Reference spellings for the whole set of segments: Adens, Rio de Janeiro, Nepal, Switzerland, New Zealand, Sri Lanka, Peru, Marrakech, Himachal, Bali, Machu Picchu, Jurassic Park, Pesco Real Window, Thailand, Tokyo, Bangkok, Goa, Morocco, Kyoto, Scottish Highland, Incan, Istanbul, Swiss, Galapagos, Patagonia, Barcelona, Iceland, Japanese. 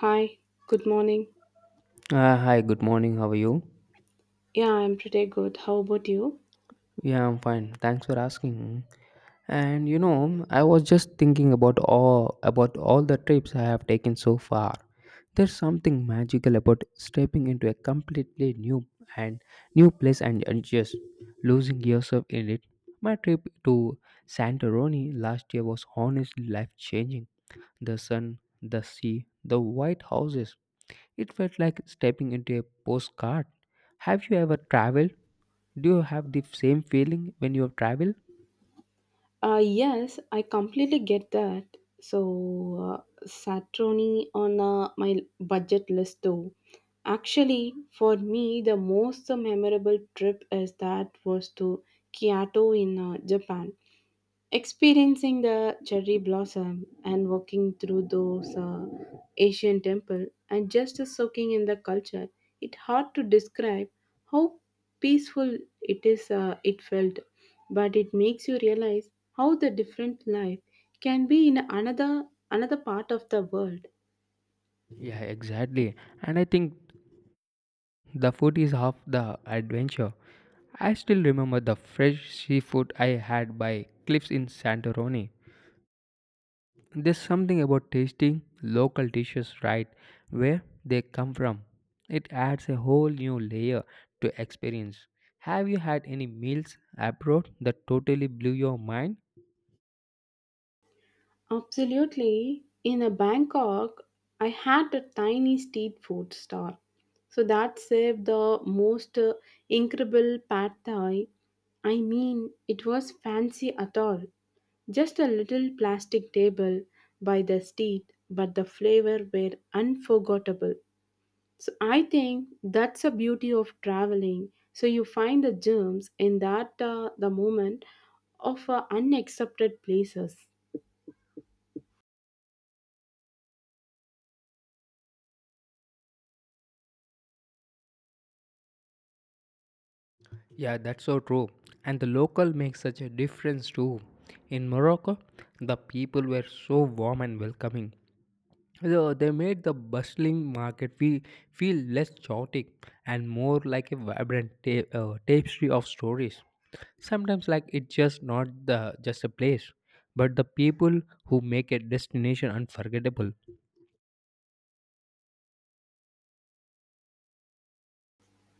Hi, good morning. Hi, good morning. How are you? Yeah, I'm pretty good. How about you? Yeah, I'm fine. Thanks for asking. And I was just thinking about all the trips I have taken so far. There's something magical about stepping into a completely and new place and just losing yourself in it. My trip to Santorini last year was honestly life-changing. The sun, the sea, the white houses. It felt like stepping into a postcard. Have you ever traveled? Do you have the same feeling when you travel? Yes, I completely get that. So, Saturni on my budget list too. Actually, for me, the most memorable trip is that was to Kyoto in Japan. Experiencing the cherry blossom and walking through those Asian temple and just soaking in the culture, it's hard to describe how peaceful it is. It felt, but it makes you realize how the different life can be in another part of the world. Yeah, exactly. And I think the food is half the adventure. I still remember the fresh seafood I had by cliffs in Santorini. There's something about tasting local dishes right where they come from. It adds a whole new layer to experience. Have you had any meals abroad that totally blew your mind? Absolutely. In a Bangkok, I had a tiny street food stall. So that served the most incredible pad thai. I mean, it was fancy at all. Just a little plastic table by the street, but the flavor were unforgettable. So I think that's a beauty of traveling. So you find the germs in that the moment of unaccepted places. Yeah, that's so true. And the local makes such a difference too. In Morocco, the people were so warm and welcoming. Though they made the bustling market feel less chaotic and more like a vibrant tapestry of stories. Sometimes, like it's just not the just a place, but the people who make a destination unforgettable.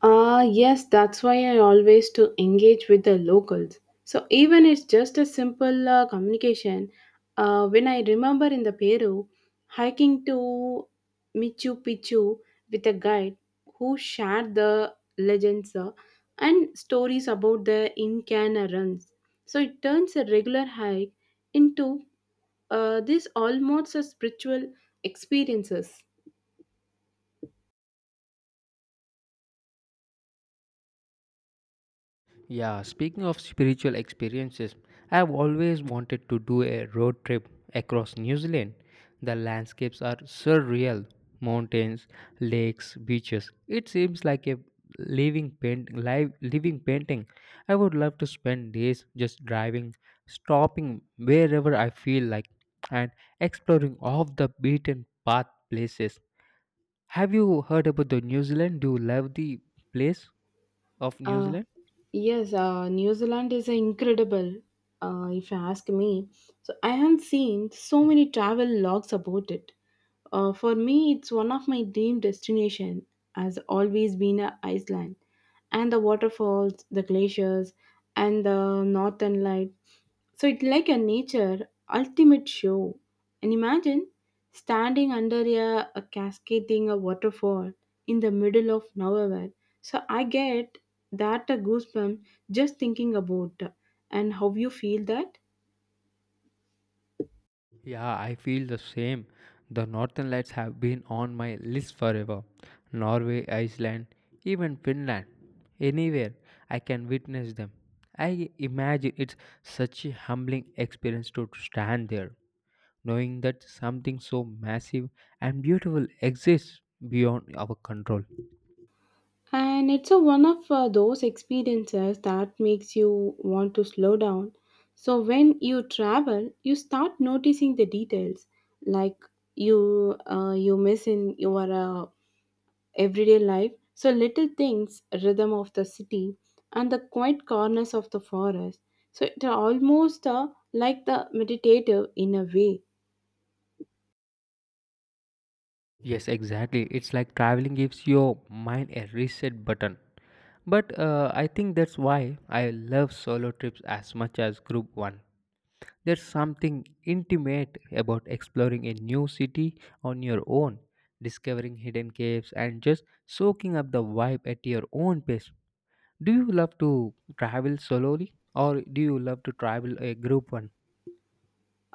Ah, yes, that's why I always to engage with the locals. So even it's just a simple communication. When I remember in the Peru, hiking to Machu Picchu with a guide who shared the legends and stories about the Incan runs. So it turns a regular hike into this almost a spiritual experiences. Yeah, speaking of spiritual experiences, I've always wanted to do a road trip across New Zealand. The landscapes are surreal mountains, lakes, beaches. It seems like a living painting. I would love to spend days just driving, stopping wherever I feel like, and exploring off the beaten path places. Have you heard about the New Zealand? Do you love the place of New Uh, Zealand? yes, New Zealand is incredible, if you ask me. So I have seen so many travel logs about it. For me, it's one of my dream destination. Has always been a Iceland, and the waterfalls, the glaciers, and the northern light. So it's like a nature ultimate show. And imagine standing under a cascading a waterfall in the middle of nowhere. So I get that a goosebump just thinking about and how you feel that. Yeah, I feel the same. The northern lights have been on my list forever. Norway, Iceland, even Finland. Anywhere I can witness them. I imagine it's such a humbling experience to stand there, knowing that something so massive and beautiful exists beyond our control. And it's a one of those experiences that makes you want to slow down. So when you travel, you start noticing the details, like you miss in your everyday life. So little things, rhythm of the city, and the quiet corners of the forest. So it almost like the meditative in a way. Yes, exactly. It's like traveling gives your mind a reset button. But I think that's why I love solo trips as much as group one. There's something intimate about exploring a new city on your own, discovering hidden caves, and just soaking up the vibe at your own pace. Do you love to travel solely or do you love to travel a group one?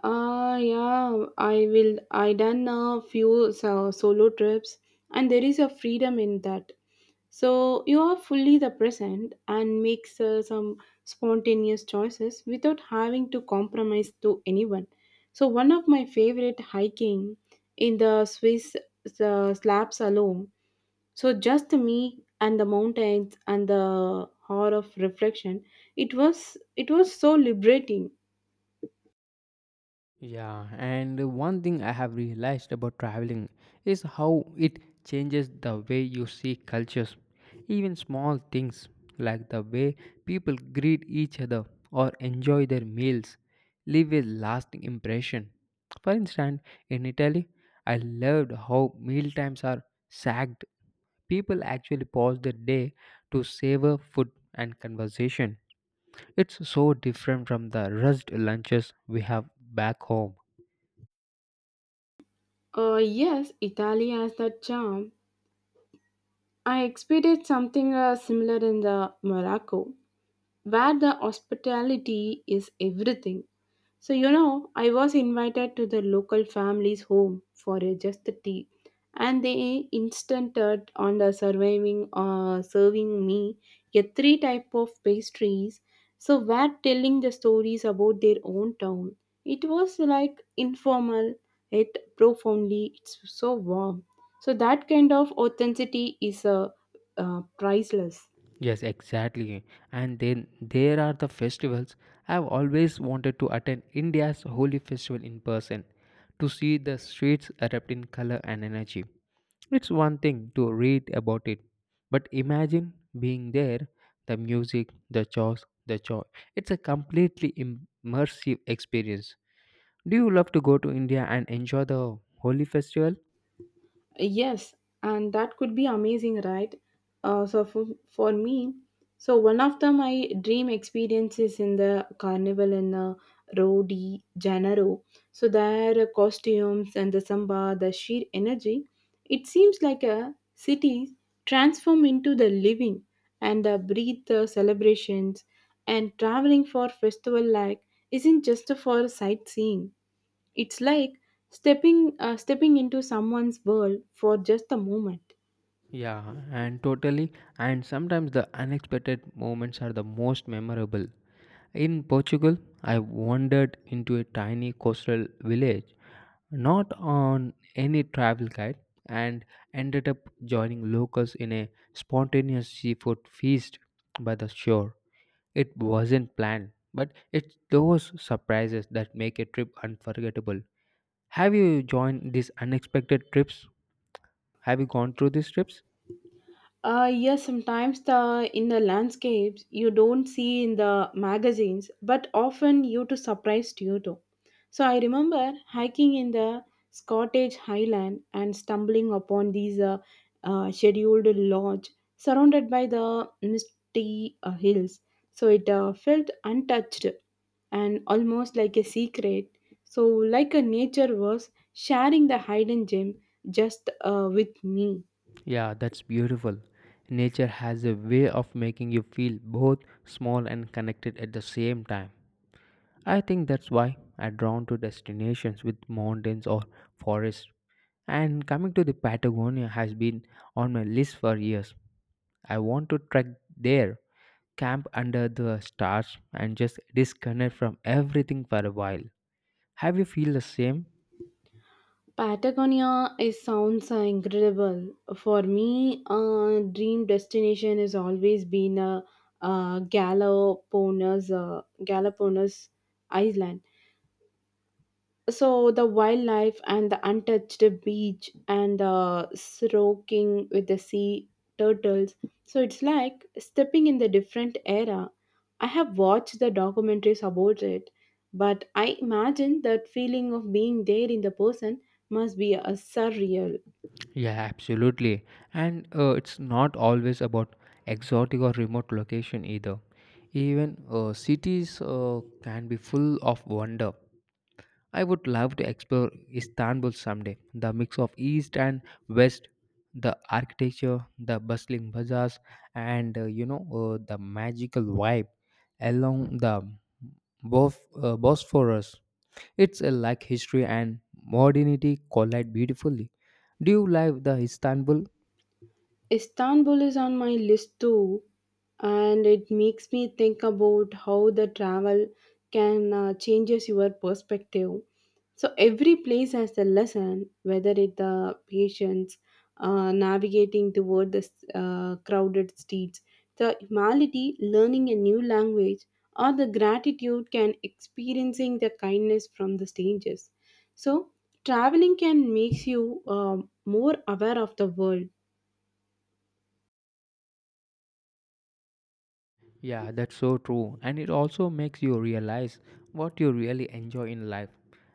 Ah, yeah, I will. I done a few solo trips, and there is a freedom in that. So you are fully the present and makes some spontaneous choices without having to compromise to anyone. So one of my favorite hiking in the Swiss slabs alone. So just me and the mountains and the hour of reflection. It was so liberating. Yeah, and one thing I have realized about traveling is how it changes the way you see cultures. Even small things like the way people greet each other or enjoy their meals leave a lasting impression. For instance, in Italy, I loved how meal times are sagged. People actually pause their day to savor food and conversation. It's so different from the rushed lunches we have back home. Yes, Italy has that charm. I experienced something similar in the Morocco, where the hospitality is everything. So, I was invited to the local family's home for just the tea, and they insisted on the surviving, serving me a three type of pastries. So, were telling the stories about their own town. It was like informal, yet profoundly, it's so warm. So, that kind of authenticity is priceless. Yes, exactly. And then there are the festivals. I've always wanted to attend India's holy festival in person to see the streets erupt in color and energy. It's one thing to read about it, but imagine being there, the music, the chores, the joy. It's a completely immersive experience. Do you love to go to India and enjoy the holy festival? Yes, and that could be amazing, right? So for me, so one of the my dream experiences in the carnival in Rio de Janeiro. So their costumes and the samba, the sheer energy, it seems like a city transform into the living and the breathe the celebrations. And traveling for festival like isn't just for sightseeing, it's like stepping into someone's world for just a moment. Yeah, and totally. And sometimes the unexpected moments are the most memorable. In Portugal, I wandered into a tiny coastal village, not on any travel guide, and ended up joining locals in a spontaneous seafood feast by the shore. It wasn't planned, but it's those surprises that make a trip unforgettable. Have you joined these unexpected trips? Have you gone through these trips? Yes, sometimes the in the landscapes you don't see in the magazines, but often you to surprised you too. So I remember hiking in the Scottish Highland and stumbling upon these scheduled lodge surrounded by the misty hills. So it felt untouched and almost like a secret. So like a nature was sharing the hidden gem just with me. Yeah, that's beautiful. Nature has a way of making you feel both small and connected at the same time. I think that's why I'm drawn to destinations with mountains or forests. And coming to the Patagonia has been on my list for years. I want to trek there, camp under the stars, and just disconnect from everything for a while. Have you feel the same? Patagonia is sounds incredible. For me, dream destination has always been Galapagos Island. So the wildlife and the untouched beach and the stroking with the sea turtles, so it's like stepping in the different era. I have watched the documentaries about it, but I imagine that feeling of being there in the person must be a surreal. Yeah, absolutely. And it's not always about exotic or remote location either. Even cities can be full of wonder. I would love to explore Istanbul someday. The mix of east and west, the architecture, the bustling bazaars, and the magical vibe along the Both Bosphorus. It's like history and modernity collide beautifully. Do you like the Istanbul? Istanbul is on my list too, and it makes me think about how the travel can changes your perspective. So every place has a lesson, whether it the patients navigating toward the crowded streets, the humility learning a new language, or the gratitude can experiencing the kindness from the strangers. So traveling can makes you more aware of the world. Yeah, that's so true. And it also makes you realize what you really enjoy in life.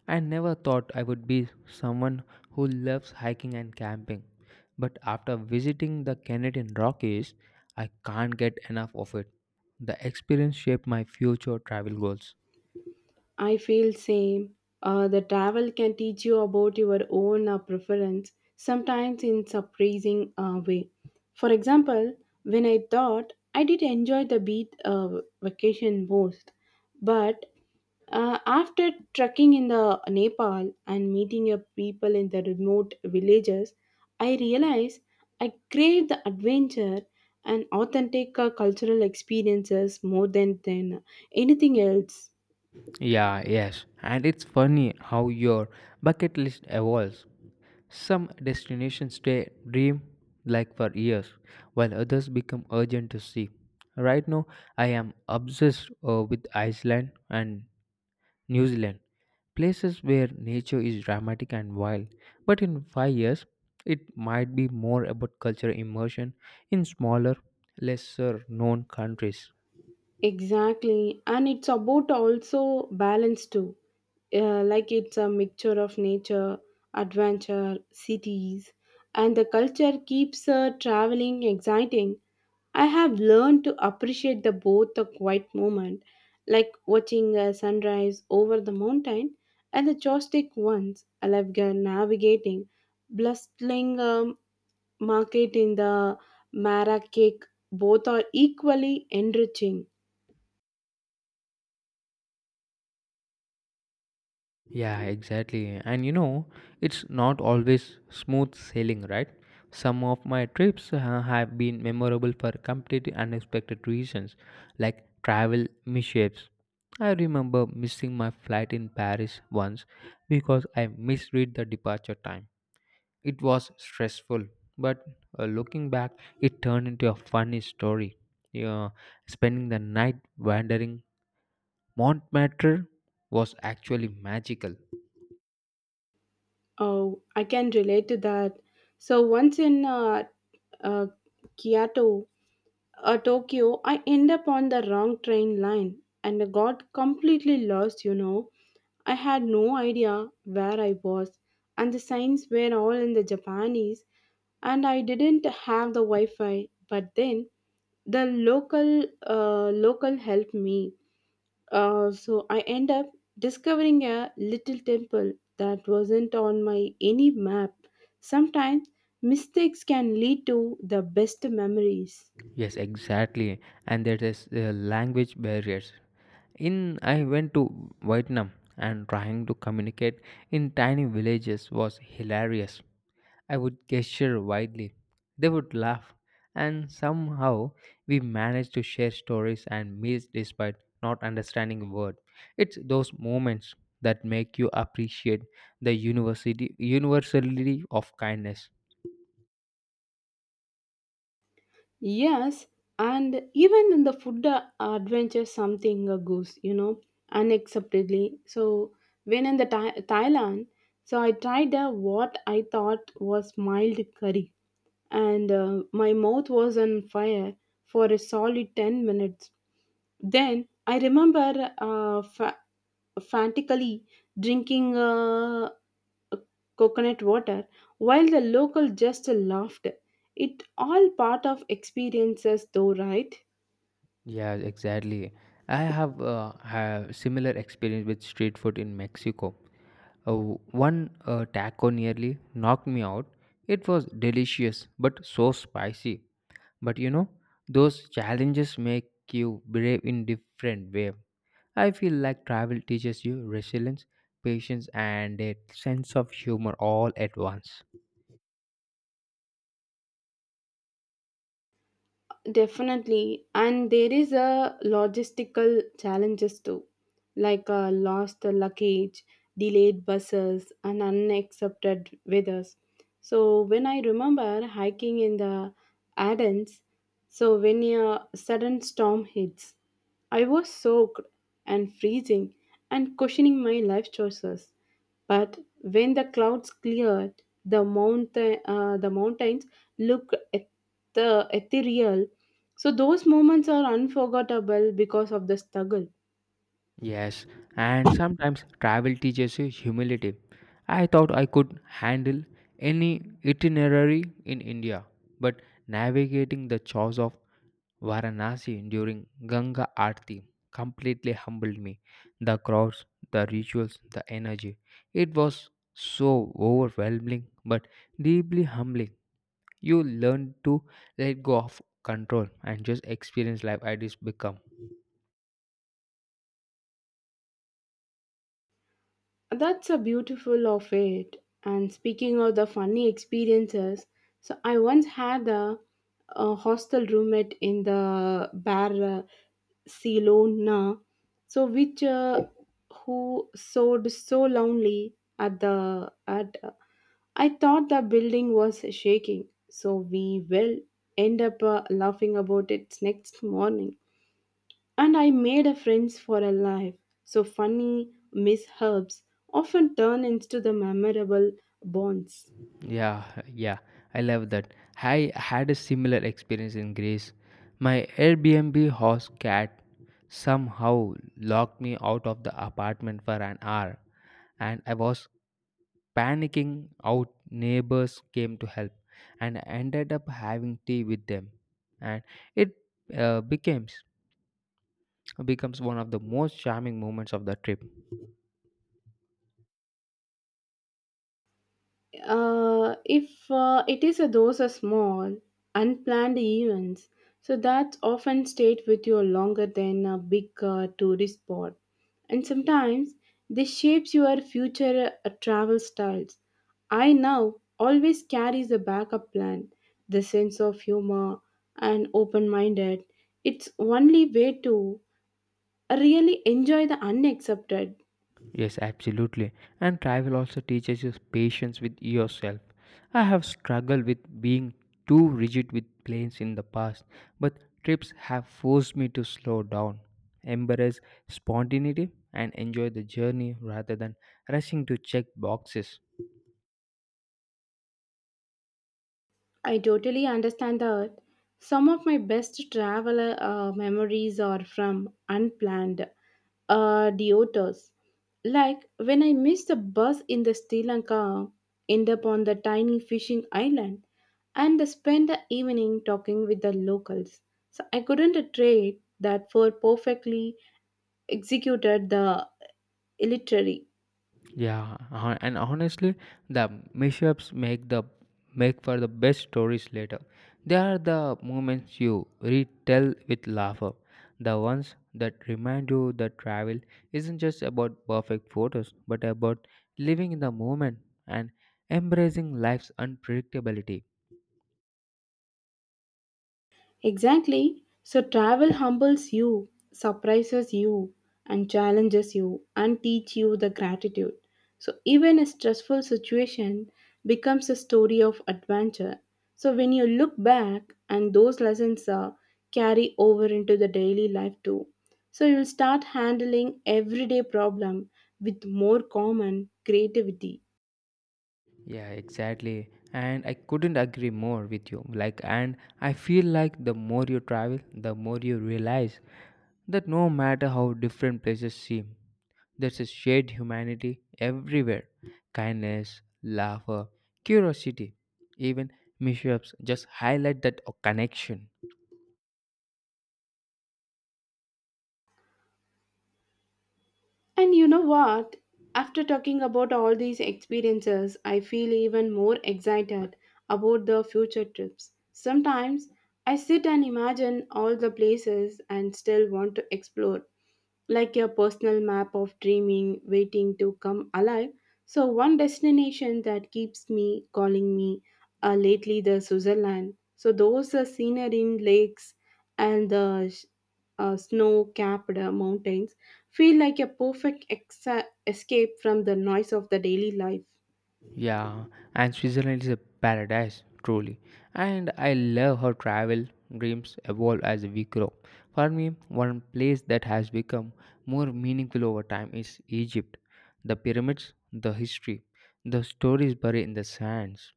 I never thought I would be someone who loves hiking and camping. But after visiting the Canadian Rockies, I can't get enough of it. The experience shaped my future travel goals. I feel same. The travel can teach you about your own preference, sometimes in surprising way. For example, when I thought I did enjoy the beach vacation most, but after trekking in the Nepal and meeting your people in the remote villages, I realized I crave the adventure and authentic cultural experiences more than anything else. Yeah, yes. And it's funny how your bucket list evolves. Some destinations stay dream like for years, while others become urgent to see. Right now, I am obsessed with Iceland and New Zealand, places where nature is dramatic and wild. But in 5 years, it might be more about cultural immersion in smaller, lesser known countries. Exactly, and it's about also balance too. Like it's a mixture of nature, adventure, cities, and the culture keeps traveling exciting. I have learned to appreciate the both the quiet moment, like watching a sunrise over the mountain, and the joystick ones. I love navigating, bustling market in the Marrakech. Both are equally enriching. Yeah, exactly. And it's not always smooth sailing, right? Some of my trips have been memorable for completely unexpected reasons, like travel mishaps. I remember missing my flight in Paris once because I misread the departure time. It was stressful, but looking back, it turned into a funny story. Yeah, spending the night wandering Montmartre was actually magical. Oh, I can relate to that. So once in uh, Kyoto, Tokyo, I end up on the wrong train line and I got completely lost. You know, I had no idea where I was, and the signs were all in the Japanese, and I didn't have the Wi-Fi. But then the local helped me, so I end up discovering a little temple that wasn't on my any map. Sometimes mistakes can lead to the best memories. Yes, exactly. And there is language barriers. In I went to Vietnam and trying to communicate in tiny villages was hilarious. I would gesture widely. They would laugh and somehow we managed to share stories and meals despite not understanding a word. It's those moments that make you appreciate the university universality of kindness. Yes, and even in the food adventure, something goes, unexpectedly. So when in the Thailand, so I tried what I thought was mild curry, and my mouth was on fire for a solid 10 minutes. Then I remember frantically drinking coconut water while the local just laughed. It all part of experiences though, right? Yeah, exactly. I have similar experience with street food in Mexico. Uh, one taco nearly knocked me out. It was delicious but so spicy. But those challenges make you brave in different way. I feel like travel teaches you resilience, patience, and a sense of humor all at once. Definitely, and there is a logistical challenges too, like lost luggage, delayed buses, and unaccepted weathers. So when I remember hiking in the Adens, so when a sudden storm hits, I was soaked and freezing and questioning my life choices. But when the clouds cleared, the mountains looked the ethereal. So those moments are unforgettable because of the struggle. Yes, and sometimes travel teaches you humility. I thought I could handle any itinerary in India, but navigating the chores of Varanasi during Ganga Aarti completely humbled me. The crowds, the rituals, the energy. It was so overwhelming but deeply humbling. You learn to let go of control and just experience life as it's become. That's a beautiful of it. And speaking of the funny experiences, so I once had a hostel roommate in the Barcelona, so which who sewed so lonely at the at, I thought the building was shaking, so we will end up laughing about it next morning. And I made a friends for a life. So funny mishaps often turn into the memorable bonds. Yeah, yeah, I love that. I had a similar experience in Greece. My Airbnb host cat somehow locked me out of the apartment for an hour, and I was panicking out. Neighbors came to help, and I ended up having tea with them, and it uh, becomes becomes one of the most charming moments of the trip. If it is a those are small unplanned events, so that often stayed with you longer than a big tourist spot. And sometimes this shapes your future travel styles. I now always carries a backup plan, the sense of humor and open minded, it's only way to really enjoy the unaccepted. Yes, absolutely. And travel also teaches you patience with yourself. I have struggled with being too rigid with plans in the past, but trips have forced me to slow down, embrace spontaneity, and enjoy the journey rather than rushing to check boxes. I totally understand that. Some of my best travel memories are from unplanned detours. Like when I missed the bus in the Sri Lanka, end up on the tiny fishing island, and spend the evening talking with the locals. So I couldn't trade that for perfectly executed the literary. Yeah, and honestly, the mishaps make for the best stories later. They are the moments you retell with laughter, the ones that remind you that travel isn't just about perfect photos, but about living in the moment and embracing life's unpredictability. Exactly. So travel humbles you, surprises you, and challenges you, and teach you the gratitude. So even a stressful situation becomes a story of adventure. So when you look back, and those lessons carry over into the daily life too. So you'll start handling everyday problem with more common creativity. Yeah, exactly. And I couldn't agree more with you. Like, and I feel like the more you travel, the more you realize that no matter how different places seem, there's a shared humanity everywhere kindness, laughter, curiosity, even mishaps just highlight that connection. And you know what? After talking about all these experiences, I feel even more excited about the future trips. Sometimes I sit and imagine all the places and still want to explore, like a personal map of dreaming waiting to come alive. So, one destination that keeps me calling me lately the Switzerland. So, those are scenery in lakes and the snow capped mountains feel like a perfect escape from the noise of the daily life. Yeah, and Switzerland is a paradise, truly. And I love how travel dreams evolve as we grow. For me, one place that has become more meaningful over time is Egypt. The pyramids, the history, the stories buried in the sands.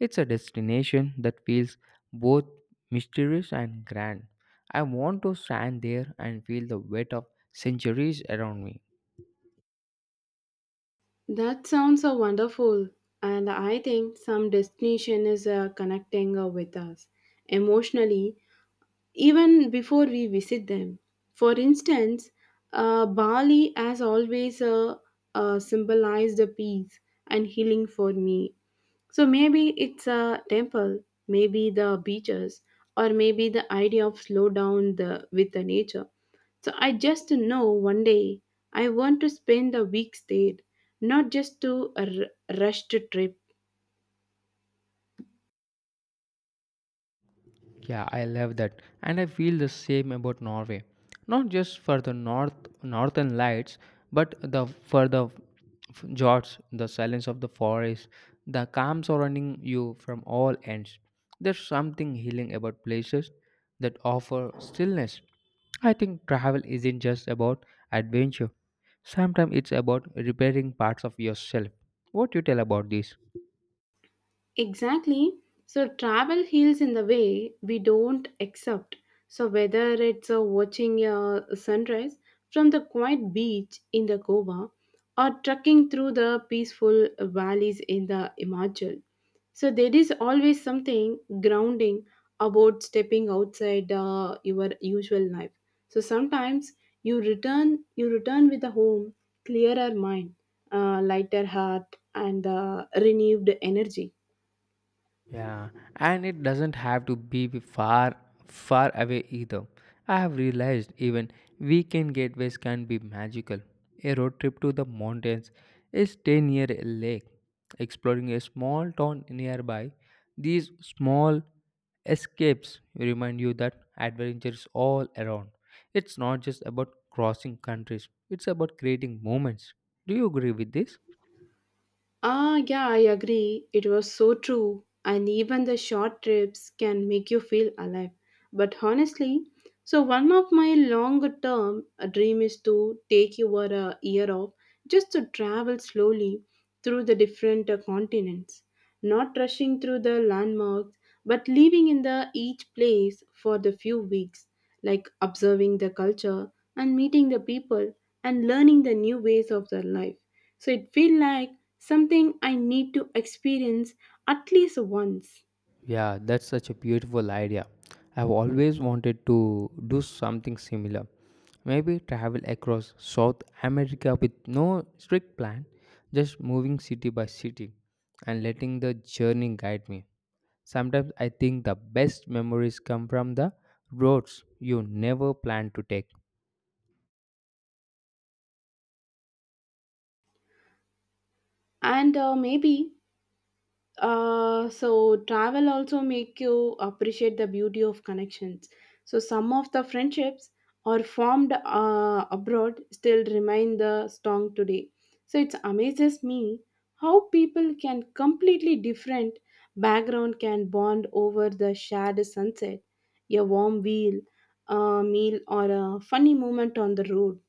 It's a destination that feels both mysterious and grand. I want to stand there and feel the weight of centuries around me. That sounds so wonderful, and I think some destination is connecting with us emotionally even before we visit them. For instance, Bali has always symbolized the peace and healing for me. So maybe it's a temple, maybe the beaches, or maybe the idea of slow down the with the nature. So I just know one day I want to spend the weeks there, not just to a rushed trip. Yeah, I love that. And I feel the same about Norway. Not just for the northern lights, but the for the f- fjords, the silence of the forest, the calm surrounding you from all ends. There's something healing about places that offer stillness. I think travel isn't just about adventure. Sometimes it's about repairing parts of yourself. What do you tell about this? Exactly. So travel heals in the way we don't accept. So whether it's watching a sunrise from the quiet beach in the Goa, or trekking through the peaceful valleys in the Himachal. So there is always something grounding about stepping outside your usual life. So sometimes you return with a home clearer mind, lighter heart, and renewed energy. Yeah, and it doesn't have to be far, far away either. I have realized even weekend getaways can be magical. A road trip to the mountains is stay near a lake, exploring a small town nearby. These small escapes remind you that adventure is all around. It's not just about crossing countries, it's about creating moments. Do you agree with this? Ah, yeah, I agree. It was so true. And even the short trips can make you feel alive. But honestly, so one of my longer term dream is to take your year off, just to travel slowly through the different continents, not rushing through the landmarks, but living in the each place for the few weeks, like observing the culture and meeting the people and learning the new ways of their life. So it feels like something I need to experience at least once. Yeah, that's such a beautiful idea. I've always wanted to do something similar. Maybe travel across South America with no strict plan, just moving city by city and letting the journey guide me. Sometimes I think the best memories come from the roads you never plan to take. And maybe so travel also make you appreciate the beauty of connections. So some of the friendships are formed abroad still remain the strong today. So it amazes me how people can completely different background can bond over the shared sunset, a warm wheel, a meal, or a funny moment on the road.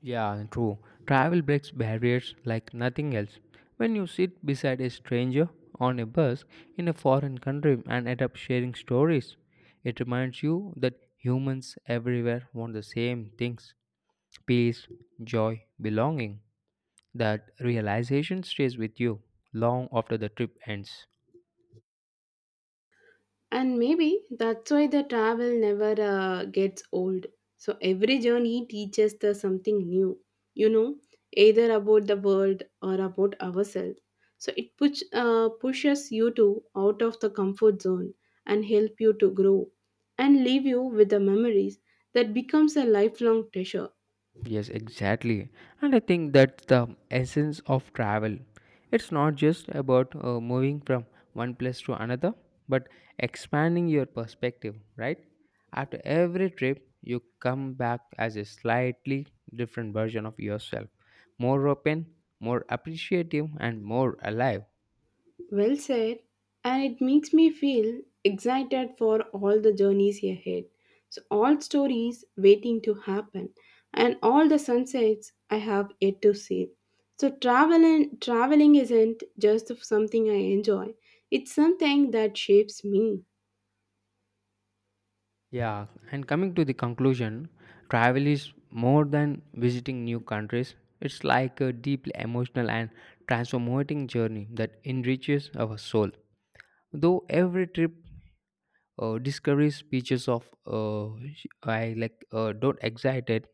Yeah, true. Travel breaks barriers like nothing else. When you sit beside a stranger on a bus in a foreign country and end up sharing stories, it reminds you that humans everywhere want the same things peace, joy, belonging. That realization stays with you long after the trip ends. And maybe that's why the travel never gets old. So every journey teaches us something new, you know, either about the world or about ourselves. So it pushes you to out of the comfort zone, and help you to grow and leave you with the memories that becomes a lifelong treasure. Yes, exactly. And I think that's the essence of travel. It's not just about moving from one place to another, but expanding your perspective, right? After every trip, you come back as a slightly different version of yourself, more open, more appreciative, and more alive. Well said, and it makes me feel excited for all the journeys ahead. So, all stories waiting to happen, and all the sunsets I have yet to see. So, travel and traveling isn't just something I enjoy, it's something that shapes me. Yeah, and coming to the conclusion, travel is more than visiting new countries. It's like a deeply emotional and transformating journey that enriches our soul. Though every trip discovers pieces of I like don't excited,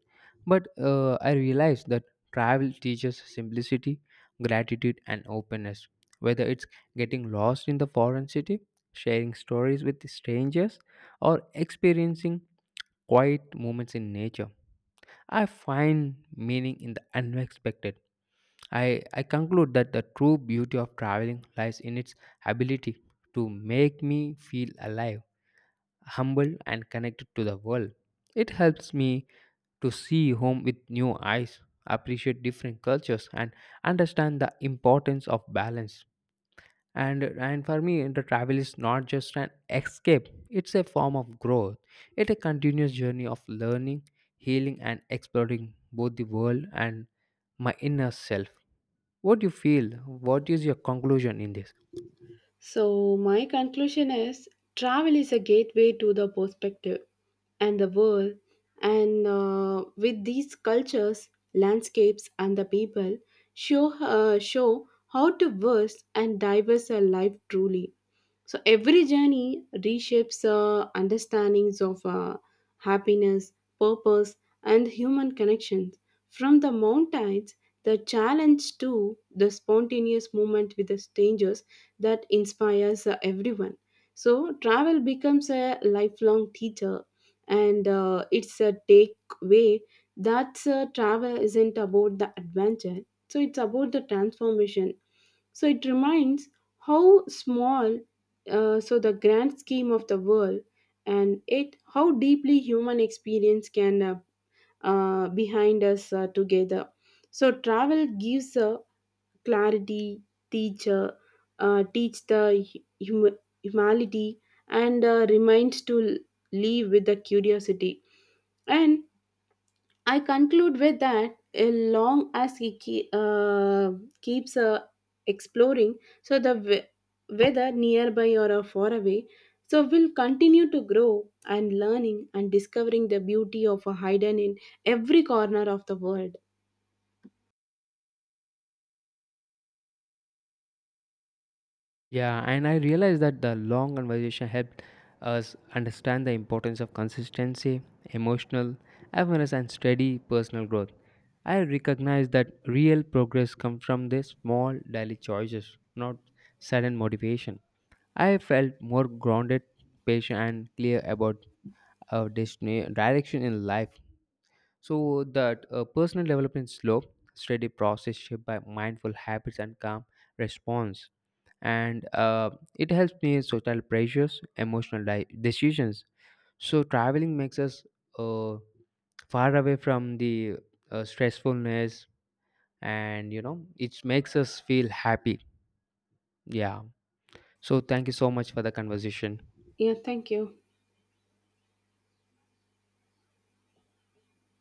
but I realize that travel teaches simplicity, gratitude, and openness. Whether it's getting lost in the foreign city, sharing stories with strangers, or experiencing quiet moments in nature. I find meaning in the unexpected. I conclude that the true beauty of traveling lies in its ability to make me feel alive, humble, and connected to the world. It helps me to see home with new eyes, appreciate different cultures, and understand the importance of balance. And for me, the travel is not just an escape. It's a form of growth. It's a continuous journey of learning, healing, and exploring both the world and my inner self. What do you feel? What is your conclusion in this? So, my conclusion is travel is a gateway to the perspective and the world. And with these cultures, landscapes, and the people, show how diverse and diverse a life truly. So every journey reshapes understandings of happiness, purpose, and human connections. From the mountains, the challenge to the spontaneous movement with the strangers that inspires everyone. So travel becomes a lifelong teacher, and it's a takeaway that travel isn't about the adventure. So it's about the transformation, so it reminds how small so the grand scheme of the world, and it how deeply human experience can behind us together. So travel gives a clarity teacher, teach the hum- humanity, and reminds to live with the curiosity. And I conclude with that long as he keeps exploring, so the whether nearby or far away, so will continue to grow and learning and discovering the beauty of a hidden in every corner of the world. Yeah, and I realized that the long conversation helped us understand the importance of consistency, emotional awareness, and steady personal growth. I recognize that real progress comes from the small daily choices, not sudden motivation. I felt more grounded, patient, and clear about our destiny, direction in life. So that personal development is slow, steady process shaped by mindful habits and calm response. And it helps me social pressures emotional decisions. So traveling makes us uh, far away from the stressfulness, and it makes us feel happy. Yeah. So thank you so much for the conversation. Yeah, thank you.